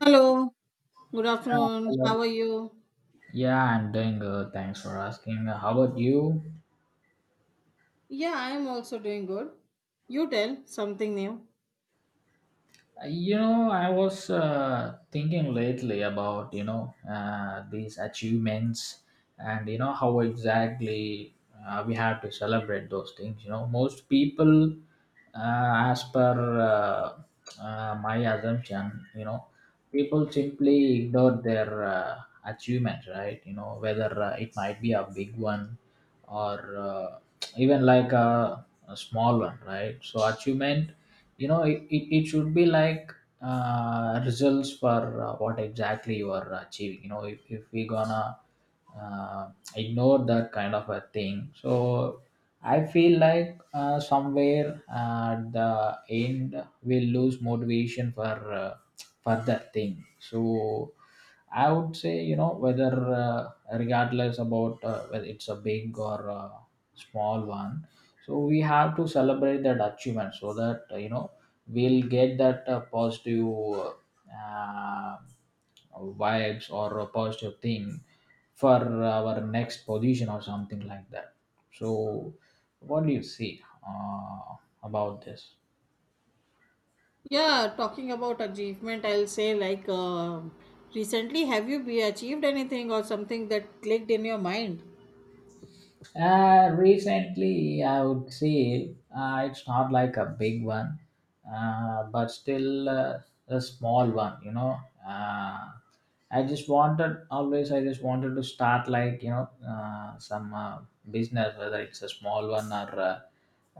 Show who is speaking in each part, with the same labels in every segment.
Speaker 1: Hello, good afternoon.
Speaker 2: Hello.
Speaker 1: How are you?
Speaker 2: Yeah, I'm doing good. Thanks for asking. How about you?
Speaker 1: Yeah, I am also doing good. You tell something new.
Speaker 2: I was thinking lately about, these achievements and, how exactly we have to celebrate those things. Most people, as per my assumption, people simply ignore their achievements, right? Whether it might be a big one or, uh, even like a small one, right? So achievement, it should be like results for what exactly you are achieving. If we gonna uh, ignore that kind of a thing. So I feel like somewhere at the end we'll lose motivation for further thing. So I would say, whether regardless about whether it's a big or a small one, so we have to celebrate that achievement so that, we'll get that positive uh, vibes or a positive thing for our next position or something like that. So, what do you see about this?
Speaker 1: Yeah, talking about achievement, I'll say like, recently, have you be achieved anything or something that clicked in your mind?
Speaker 2: Recently, I would say it's not like a big one, but still a small one. Uh, I just wanted always. I just wanted to start like, some business, whether it's a small one or a,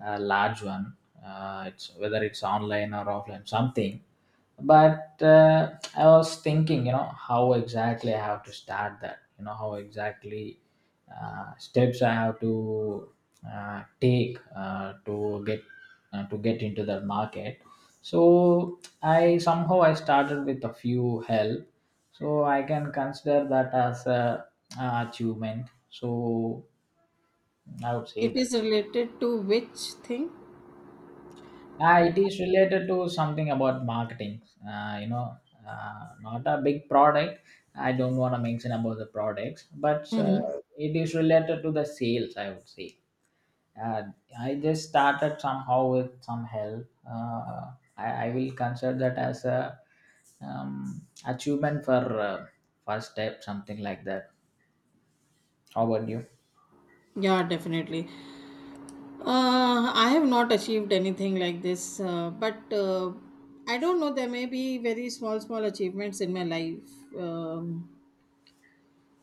Speaker 2: a large one. It's whether it's online or offline, something. But I was thinking, how exactly I have to start that. How exactly steps I have to take, to get into that market. So, I somehow I started with a few help, so I can consider that as a achievement. So I would say
Speaker 1: It is
Speaker 2: that.
Speaker 1: related to which thing?
Speaker 2: It is related to something about marketing. Uh, you know, Not a big product. I don't want to mention about the products, but
Speaker 1: Mm-hmm.
Speaker 2: it is related to the sales, I would say. Uh, I just started somehow with some help. I will consider that as a achievement for first step, something like that. How about you?
Speaker 1: Yeah, definitely. I have not achieved anything like this, but I don't know. There may be very small, small achievements in my life. Um,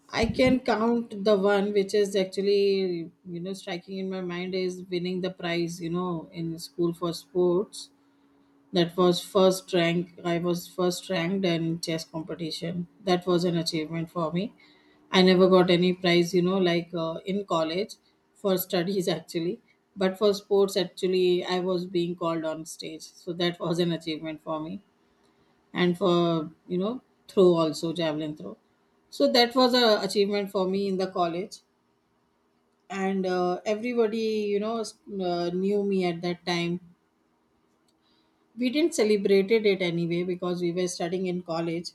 Speaker 1: I can count the one which is actually, you know, striking in my mind is winning the prize, you know, in school for sports. That was first rank. I was first ranked in chess competition. That was an achievement for me. I never got any prize, you know, like, in college for studies actually. But for sports, actually, I was being called on stage. So that was an achievement for me, and for, you know, throw also, javelin throw. So that was a achievement for me in the college. And everybody, you know, knew me at that time. We didn't celebrated it anyway because we were studying in college.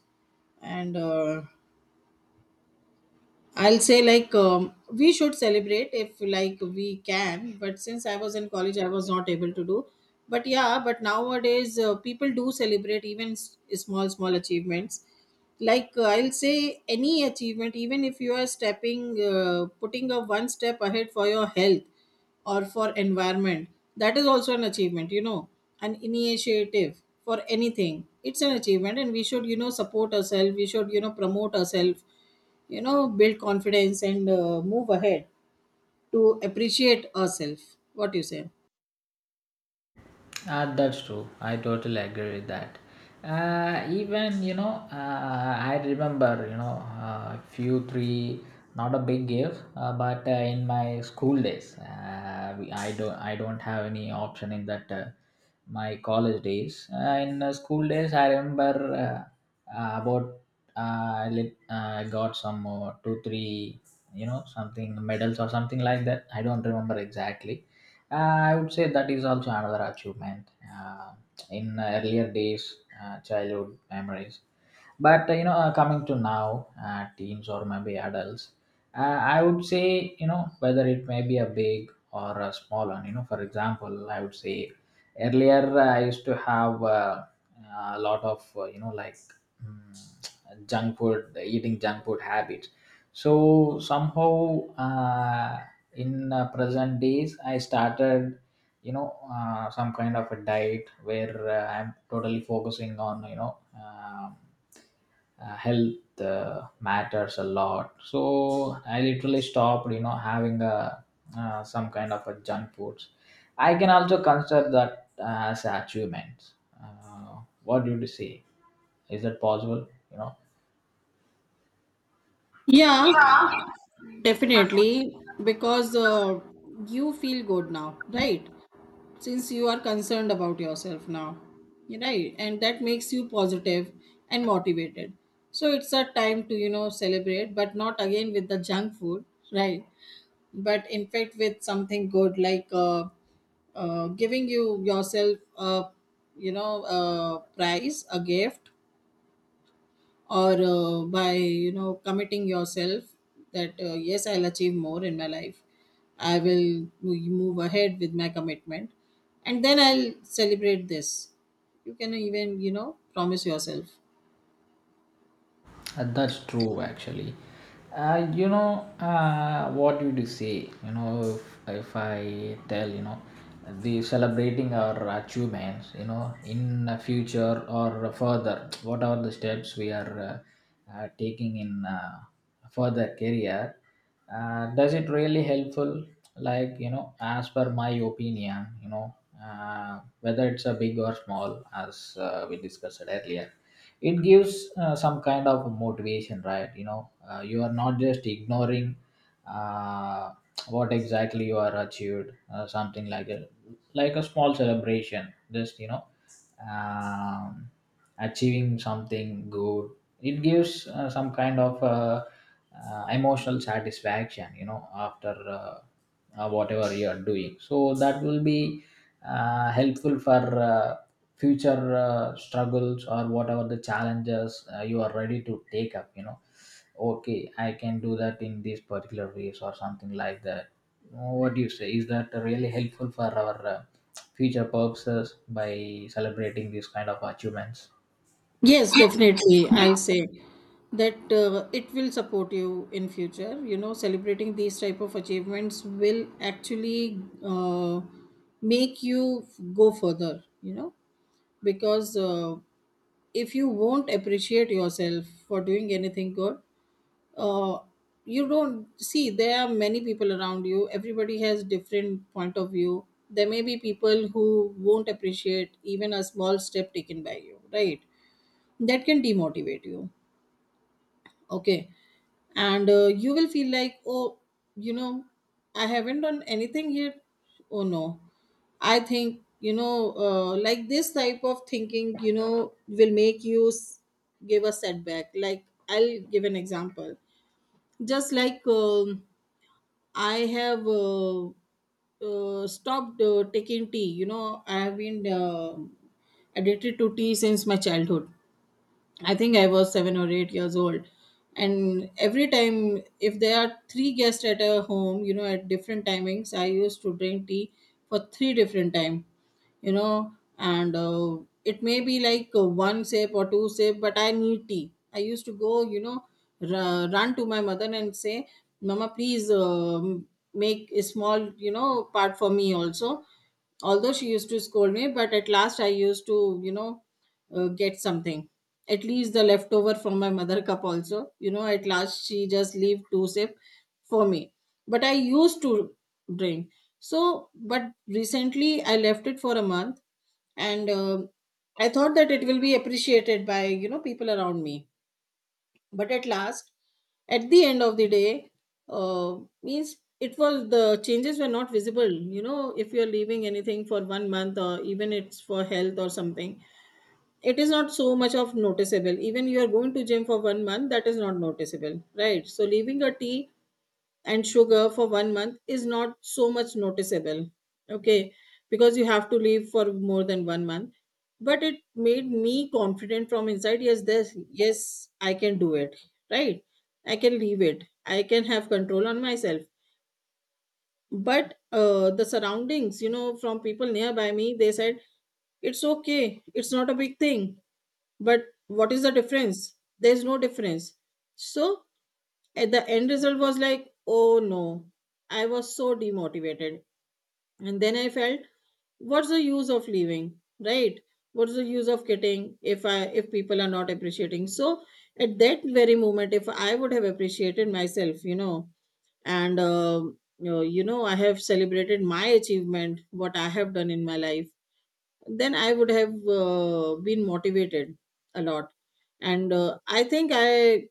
Speaker 1: And I'll say like, we should celebrate if like we can, but since I was in college, I was not able to do. But yeah, but nowadays people do celebrate even small small achievements. Like, I'll say any achievement, even if you are putting a one step ahead for your health or for environment, that is also an achievement. You know, an initiative for anything, it's an achievement, and we should, you know, support ourselves. We should, you know, promote ourselves, you know, build confidence and move ahead to appreciate ourselves. What you say?
Speaker 2: That's true. I totally agree with that. Even, I remember, a few, three, not a big gift, but in my school days, I don't, have any option in that, my college days. In school days, I remember, about, I got some two three, something, medals or something like that. I don't remember exactly. I would say that is also another achievement, uh, in earlier days, childhood memories. But coming to now, teens or maybe adults, I would say, whether it may be a big or a small one. For example, I would say earlier, I used to have a lot of, mm, junk food, eating junk food habits. So somehow, in present days I started, some kind of a diet where I'm totally focusing on, health matters a lot. So I literally stopped, having a, some kind of a junk foods. I can also consider that as achievement. uh, what do you say, is that possible?
Speaker 1: Yeah, definitely. Because you feel good now, right? Since you are concerned about yourself now, you're right, and that makes you positive and motivated. So it's a time to, you know, celebrate, but not again with the junk food, right? But in fact with something good, like, giving you yourself a, you know, a prize, a gift, or by, you know, committing yourself, that yes, I'll achieve more in my life. I will move ahead with my commitment, and then I'll celebrate this. You can even, you know, promise yourself.
Speaker 2: That's true, actually. What did you say? If I tell, the celebrating our achievements, in the future or further, what are the steps we are taking in further career? Does it really helpful? Like, as per my opinion, whether it's a big or small, as we discussed earlier, it gives some kind of motivation, right? You are not just ignoring uh, what exactly you are achieved. Something like a, small celebration, just, um, achieving something good. It gives some kind of, emotional satisfaction, after whatever you are doing. So that will be helpful for uh, future struggles or whatever the challenges, you are ready to take up. Okay, I can do that in these particular ways or something like that. What do you say, is that really helpful for our future purposes by celebrating these kind of achievements?
Speaker 1: Yes, definitely. I'll say that it will support you in future. You know, celebrating these type of achievements will actually, make you go further. You know, because if you won't appreciate yourself for doing anything good, uh, you don't see there are many people around you. Everybody has different point of view. There may be people who won't appreciate even a small step taken by you, right? That can demotivate you, okay. And you will feel like, oh, you know, I haven't done anything yet, oh no. I think, you know, like this type of thinking, you know, will make you give a setback. Like, I'll give an example. Just like, I have stopped taking tea, you know. I have been addicted to tea since my childhood. I think I was 7 or 8 years old. And every time, if there are three guests at a home, you know, at different timings, I used to drink tea for three different time, you know. And it may be like, one sip or two sip, but I need tea. I used to go, you know, run to my mother and say, "Mama, please, make a small, you know, part for me also." Although she used to scold me, but at last I used to, you know, get something. At least the leftover from my mother cup also. You know, at last she just leave two sip for me. But I used to drink. So, but recently I left it for a month, and I thought that it will be appreciated by, you know, people around me. But at last, at the end of the day, uh, means it was the changes were not visible. You know, if you are leaving anything for one month or even it's for health or something, it is not so much of noticeable. Even you are going to gym for one month, that is not noticeable, right? So leaving a tea and sugar for one month is not so much noticeable, okay. Because you have to leave for more than one month. But it made me confident from inside. Yes, this, yes, I can do it, right? I can leave it, I can have control on myself. But the surroundings, you know, from people nearby me, they said it's okay, it's not a big thing, but what is the difference, there's no difference. So at the end, result was like, oh no, I was so demotivated. And then I felt, what's the use of leaving, right? What's the use of getting if people are not appreciating? So at that very moment, if I would have appreciated myself, you know, and you know, I have celebrated my achievement what I have done in my life, then I would have been motivated a lot. And I think i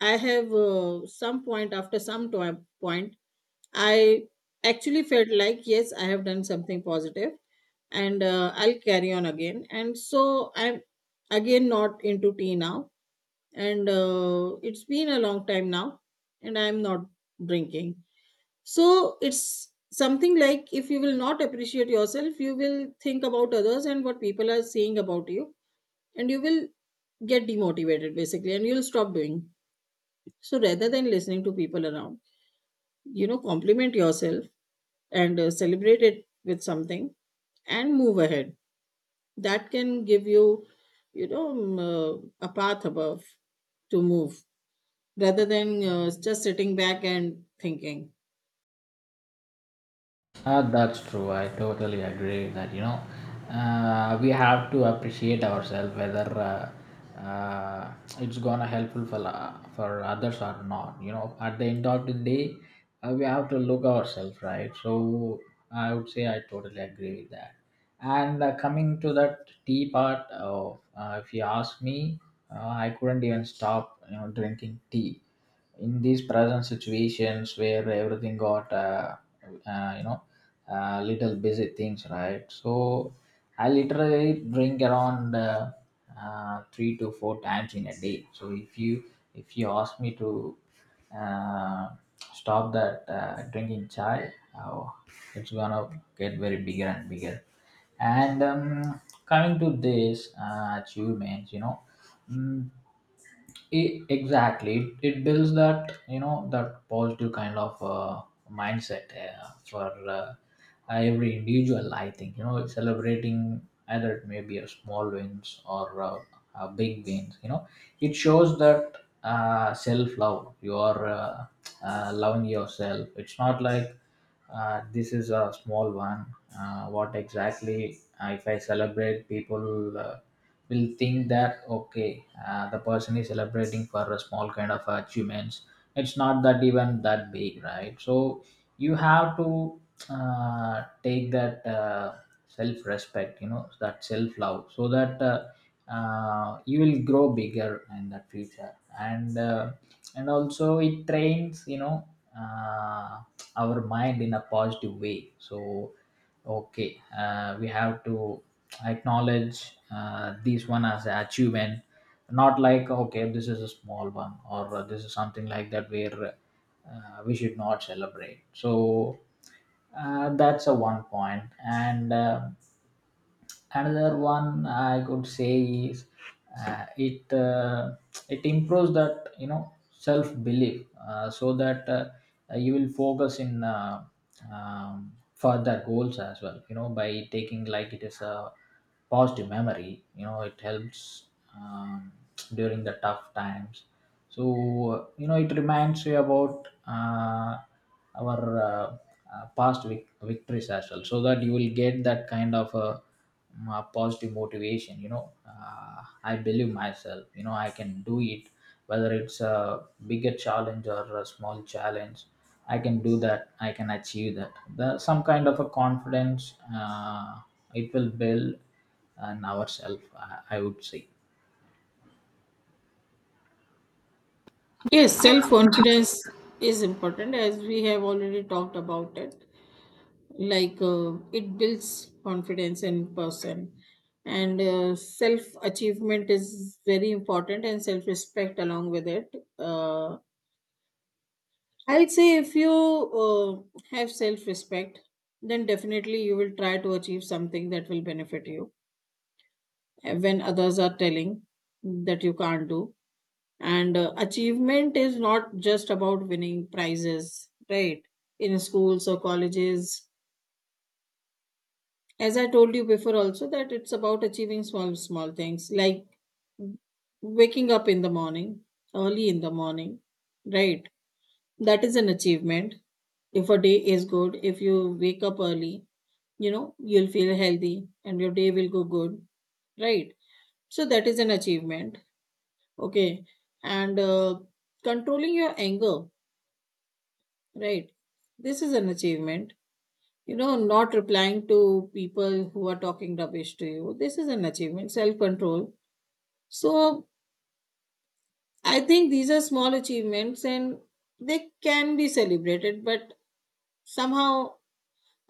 Speaker 1: i have some point, after point, I actually felt like, yes, I have done something positive. And I'll carry on again. And so I'm again not into tea now. And it's been a long time now, and I'm not drinking. So it's something like if you will not appreciate yourself, you will think about others and what people are saying about you, and you will get demotivated basically, and you'll stop doing. So rather than listening to people around, you know, compliment yourself and celebrate it with something and move ahead. That can give you, you know, a path above to move, rather than just sitting back and thinking.
Speaker 2: That's true. I totally agree with that. We have to appreciate ourselves, whether uh, it's gonna helpful for others or not. At the end of the day, we have to look ourselves, right? So I would say I totally agree with that. And coming to that tea part, of, if you ask me, I couldn't even stop, drinking tea in these present situations where everything got, uh, you know, little busy things, right? So I literally drink around 3 to 4 times in a day. So if you ask me to uh, stop that drinking chai. Oh, it's gonna get very bigger and bigger. And coming to this achievements, Mm, exactly, it builds that, that positive kind of mindset for every individual, I think, celebrating, either it may be a small wins or a big wins, it shows that self love, you are loving yourself. It's not like this is a small one. What exactly, if I celebrate, people, will think that, okay, the person is celebrating for a small kind of achievements. It's not that even that big, right? So you have to take that self-respect, that self-love, so that. You will grow bigger in the future, and and also it trains, uh, our mind in a positive way. So, okay, we have to acknowledge this one as an achievement, not like, okay, this is a small one or, this is something like that where, we should not celebrate. So, that's a one point, and another one I could say is, uh, it uh, it improves that, self belief, so that you will focus in, further goals as well, by taking like it is a positive memory, it helps, um, during the tough times. So, it reminds you about our, uh, past victories as well, so that you will get that kind of a, positive motivation. I believe myself, I can do it, whether it's a bigger challenge or a small challenge. I can do that, I can achieve that, the, some kind of a confidence, it will build in ourselves, I would say.
Speaker 1: Yes, self confidence is important, as we have already talked about it. Like, it builds confidence in person. And self achievement is very important, and self respect along with it. uh, I would say if you have self respect, then definitely you will try to achieve something that will benefit you, when others are telling that you can't do. And achievement is not just about winning prizes, right? In schools or colleges. As I told you before, also that it's about achieving small, small things like waking up in the morning, early in the morning, right? That is an achievement. If a day is good, if you wake up early, you know, you'll feel healthy, and your day will go good, right? So that is an achievement, okay. And controlling your anger, right? This is an achievement. You know, not replying to people who are talking rubbish to you, this is an achievement. Self control. So I think these are small achievements and they can be celebrated, but somehow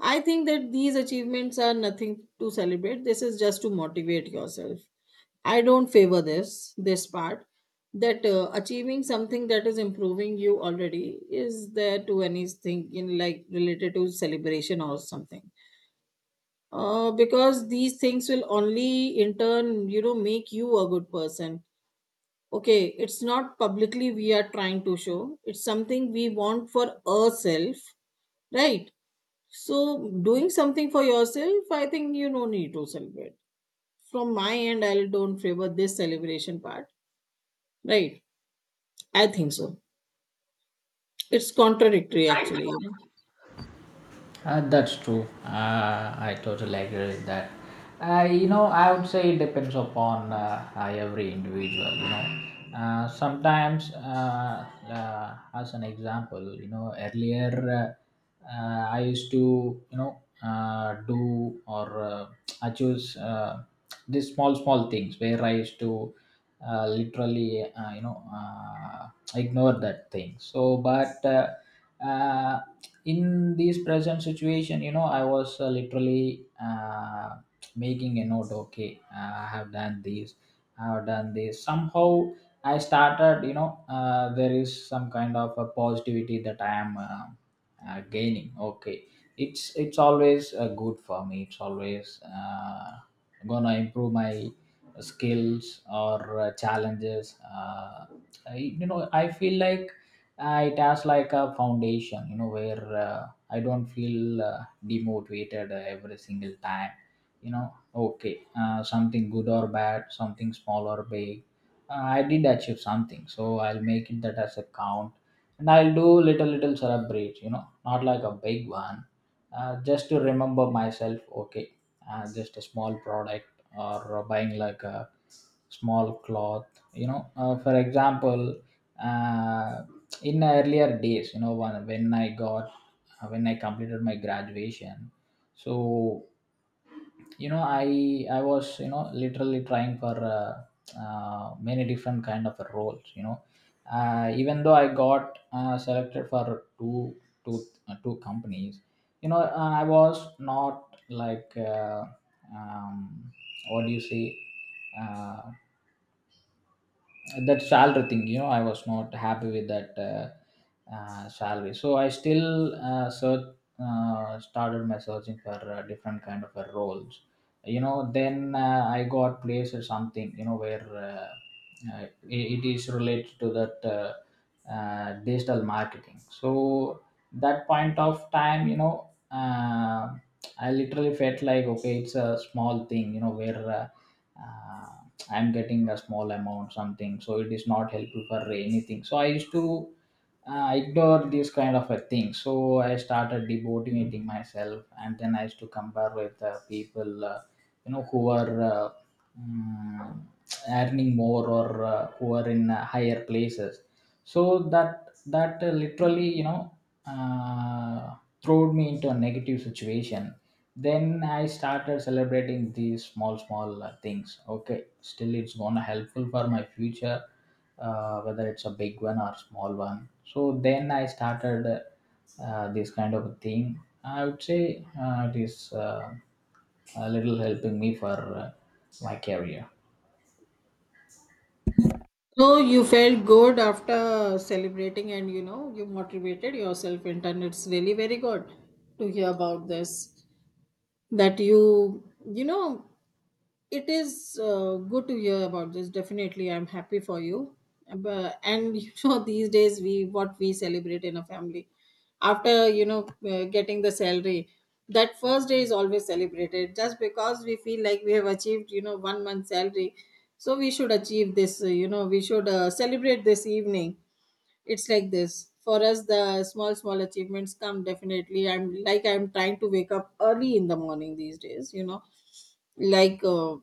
Speaker 1: I think that these achievements are nothing to celebrate. This is just to motivate yourself. I don't favor this part, that achieving something that is improving you already is there to anything in, like, related to celebration or something. Because these things will only in turn, you know, make you a good person. Okay, it's not publicly we are trying to show. It's something we want for ourselves, right? So doing something for yourself, I think you no need to celebrate. From my end, I don't favor this celebration part. Right. I think so. It's contradictory actually, you know.
Speaker 2: That's true. I totally agree with that. I would say it depends upon every individual. Sometimes, as an example, earlier, I used to, do, or I choose, these small, small things where I used to literally, ignore that thing. So, but uh, in this present situation, I was literally making a note. Okay, I have done this, I have done this somehow. I started, there is some kind of a positivity that I am gaining. Okay, it's always good for me. It's always gonna improve my skills or challenges. I, you know I feel like it has like a foundation, where I don't feel demotivated every single time, you know. Okay, something good or bad, something small or big, I did achieve something, so I'll make it that as a count. And I'll do little little celebrate, not like a big one, just to remember myself. Okay, just a small product, or buying like a small cloth, for example. uh, in earlier days, you know, when I got when I completed my graduation. So, I was, literally trying for many different kind of roles, you know. Even though I got selected for two two companies, I was not like um, what do you say, uh, that salary thing, you know. I was not happy with that salary, so I still started my searching for different kind of roles, you know. Then I got placed at something, where it is related to that digital marketing. So, that point of time, I literally felt like, okay, it's a small thing, where uh, I'm getting a small amount something, so it is not helpful for anything. So I used to ignore this kind of a thing, so I started demotivating myself. And then I used to compare with the people, who are mm, earning more or who are in higher places. So that literally, uh, threw me into a negative situation. Then I started celebrating these small small things. Okay, still it's gonna helpful for my future, whether it's a big one or small one. So then I started this kind of a thing, I would say it is a little helping me for my career.
Speaker 1: So you felt good after celebrating, and you know you motivated yourself, and it's really very good to hear about this. That you know, it is good to hear about this. Definitely, I'm happy for you. But, and you know, these days we what we celebrate in a family, after, you know, getting the salary, that first day is always celebrated just because we feel like we have achieved, you know, one month salary, so we should achieve this. You know, we should celebrate this evening. It's like this for us. The small small achievements come definitely. I'm trying to wake up early in the morning these days. You know, like.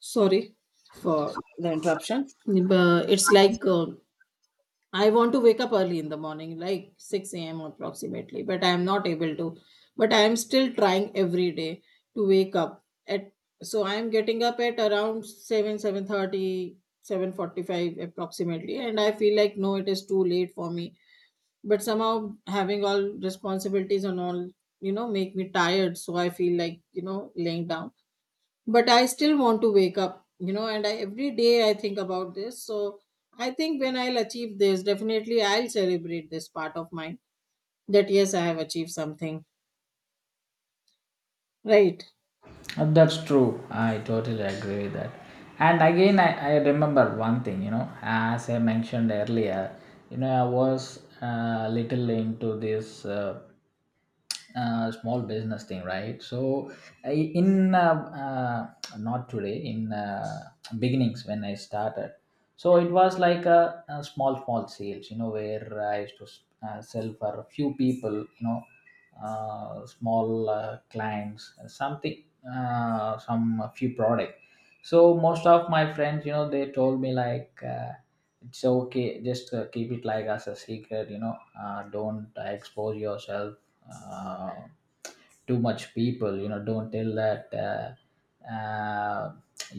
Speaker 1: Sorry for the interruption. But it's like I want to wake up early in the morning, like 6 a.m approximately, but I am not able to. But I am still trying every day to wake up at, so I am getting up at around 7, 7:30, 7:45 approximately, and I feel like no, it is too late for me. But somehow, having all responsibilities and all, you know, make me tired, so I feel like, you know, laying down. But I still want to wake up, you know, and every day I think about this. So I think when I'll achieve this, definitely I'll celebrate this part of mine, that yes, I have achieved something, right.
Speaker 2: That's true, I totally agree with that. And again, I remember one thing, you know, as I mentioned earlier, you know, I was little into this small business thing, right? So, I, in not today, in beginnings when I started. So it was like a small, small sales, you know, where I used to sell for a few people, you know, small clients something, some a few product. So most of my friends, you know, they told me like, it's okay, just keep it like as a secret, you know. Don't expose yourself uh, too much people, you know. Don't tell that uh, uh,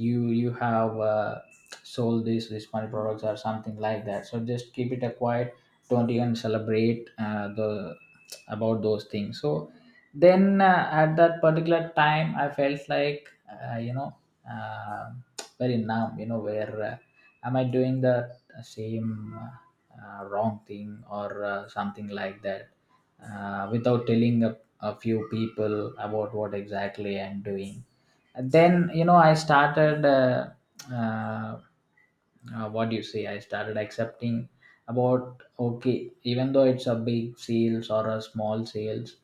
Speaker 2: you you have sold this money products or something like that, so just keep it a quiet. Don't even celebrate the about those things. So then at that particular time, I felt like, uh, very numb, you know, where am I doing the same wrong thing or something like that, without telling a few people about what exactly I'm doing. Then, you know, I started uh, what do you say, I started accepting about, okay, even though it's a big sales or a small sales,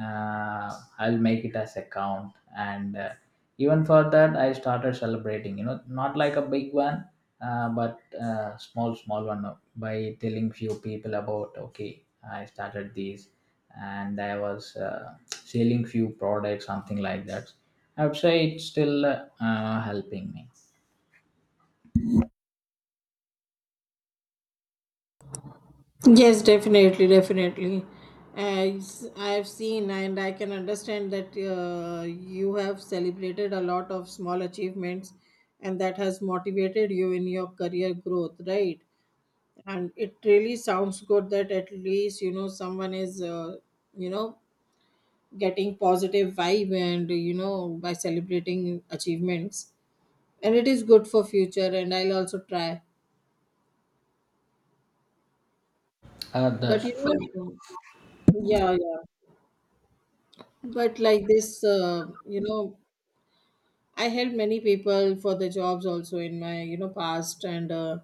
Speaker 2: I'll make it as a count. And even for that, I started celebrating, you know, not like a big one, but small small one, by telling few people about, okay, I started these, and I was selling few products something like that. I would say it's still helping me.
Speaker 1: Yes, definitely, as I have seen, and I can understand that you have celebrated a lot of small achievements, and that has motivated you in your career growth, right. And it really sounds good that at least, you know, someone is, you know, getting positive vibe, and you know, by celebrating achievements, and it is good for future, and I'll also try. But
Speaker 2: That's
Speaker 1: you
Speaker 2: true.
Speaker 1: know, yeah, but like this, you know, I helped many people for the jobs also in my, you know, past. And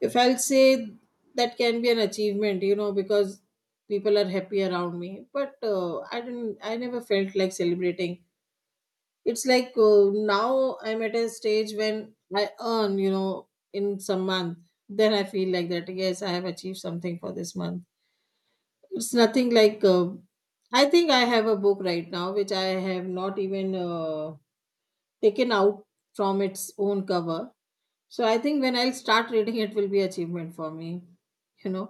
Speaker 1: if I'll say, that can be an achievement, you know, because people are happy around me. But I never felt like celebrating. It's like, now I'm at a stage when I earn, you know, in some month, then I feel like that yes, I have achieved something for this month. It's nothing like, I think I have a book right now which I have not even taken out from its own cover. So I think when I'll start reading, it will be achievement for me, you know,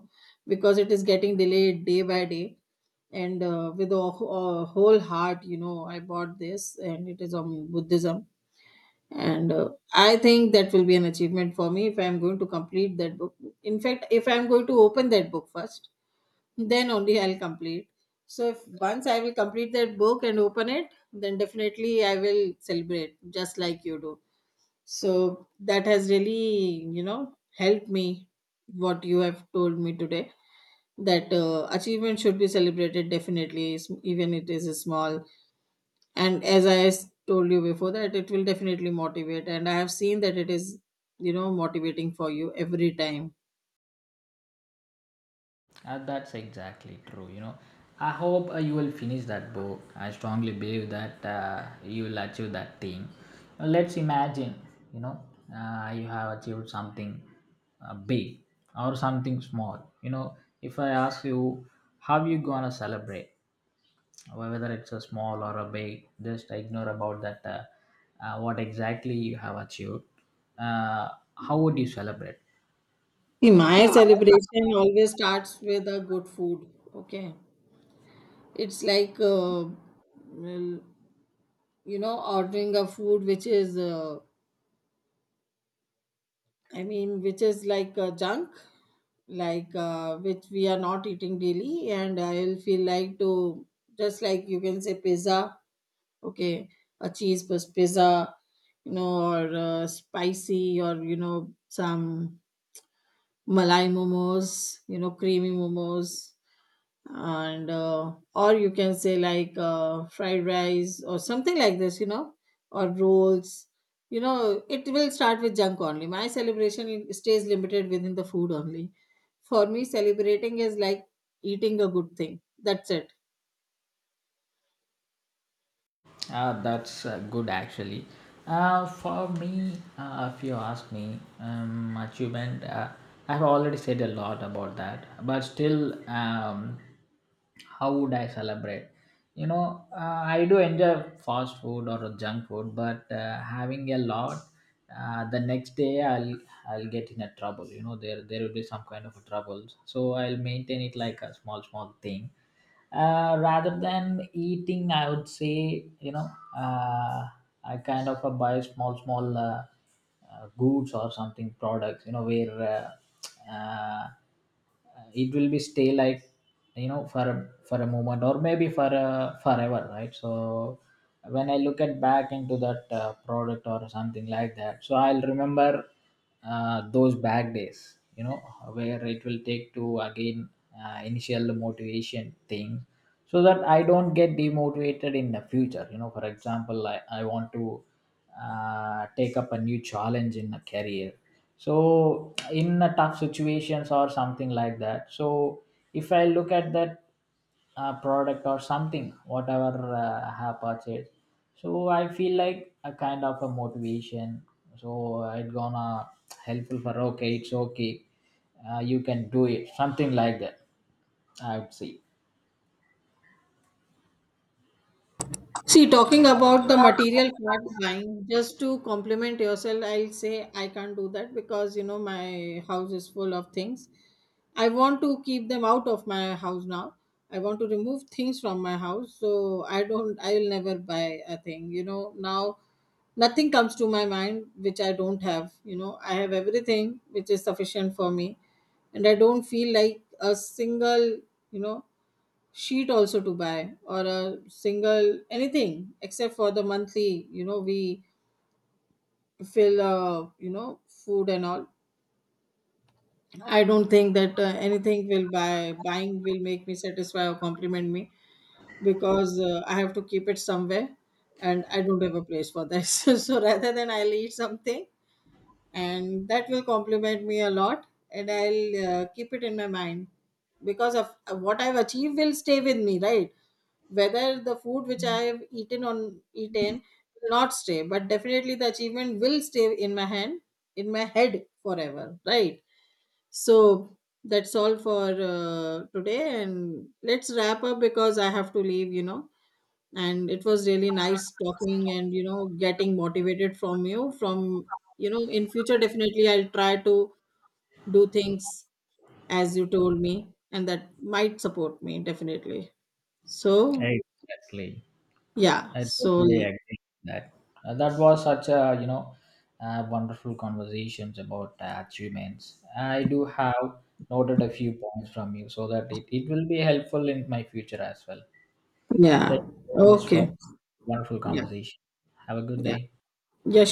Speaker 1: because it is getting delayed day by day. And with a whole heart, you know, I bought this, and it is on buddhism. And I think that will be an achievement for me if I'm going to complete that book. In fact, if I'm going to open that book first, then only I'll complete. So if once I will complete that book and open it, then definitely I will celebrate, just like you do. So that has really, you know, helped me what you have told me today, that achievement should be celebrated definitely, even it is small. And as I told you before, that it will definitely motivate, and I have seen that it is, you know, motivating for you every time.
Speaker 2: That's exactly true. You know, I hope you will finish that book. I strongly believe that you will achieve that thing. Now, let's imagine, you know, you have achieved something big or something small. You know, if I ask you, how you gonna celebrate? Whether it's a small or a big, just ignore about that what exactly you have achieved, uh, how would you celebrate?
Speaker 1: See, my celebration always starts with a good food. Okay. It's like, well, you know, ordering a food which is, I mean, which is like, junk. Like, which we are not eating daily, and I will feel like to, just like you can say, pizza. Okay. A cheese plus pizza, you know, or spicy, or you know, some malai momos, you know, creamy momos. And or you can say, like fried rice or something like this, you know, or rolls. You know, it will start with junk only. My celebration, it stays limited within the food only. For me, celebrating is like eating a good thing. That's it.
Speaker 2: That's good actually. For me, if you ask me, achievement, I've already said a lot about that, but still, how would I celebrate? You know, I do enjoy fast food or junk food, but having a lot, the next day I'll get in a trouble. You know, there will be some kind of a trouble. So I'll maintain it like a small small thing, rather than eating, I would say, you know, uh, I kind of buy small small goods or something products, you know, where uh, uh, it will be stay like, you know, for for a moment or maybe for a forever, right. So when I look at back into that product or something like that, so I'll remember those back days, you know, where it will take to again initial motivation thing. So that I don't get demotivated in the future, you know. For example, I want to take up a new challenge in a career. So in a tough situations or something like that, so if I look at that product or something whatever I have purchased, so I feel like a kind of a motivation. So it gonna helpful for, okay, it's okay, you can do it something like that, I would say.
Speaker 1: See, talking about the material part buying, just to compliment yourself, I'll say I can't do that, because you know my house is full of things. I want to keep them out of my house now. I want to remove things from my house, so I don't. I will never buy a thing. You know now, nothing comes to my mind which I don't have. You know, I have everything which is sufficient for me, and I don't feel like a single. You know, sheet also to buy, or a single anything, except for the monthly, you know, we fill, you know, food and all. I don't think that, anything will buying will make me satisfy or compliment me, because I have to keep it somewhere, and I don't have a place for that so rather than, I'll eat something, and that will compliment me a lot, and I'll keep it in my mind, because of what I've achieved will stay with me, right. Whether the food which I've eaten will not stay, but definitely the achievement will stay in my hand, in my head forever, right. So that's all for today, and let's wrap up, because I have to leave, you know. And it was really nice talking, and you know, getting motivated from you, from you know, in future, definitely I'll try to do things as you told me, and that might support me definitely. So,
Speaker 2: Exactly.
Speaker 1: yeah.
Speaker 2: I
Speaker 1: So,
Speaker 2: totally agree with that. That was such a, wonderful conversations about achievements. I do have noted a few points from you so that it will be helpful in my future as well.
Speaker 1: yeah,
Speaker 2: Thank you so much
Speaker 1: okay,
Speaker 2: for wonderful
Speaker 1: yeah,
Speaker 2: conversation. Have a good
Speaker 1: yeah,
Speaker 2: day.
Speaker 1: yeah.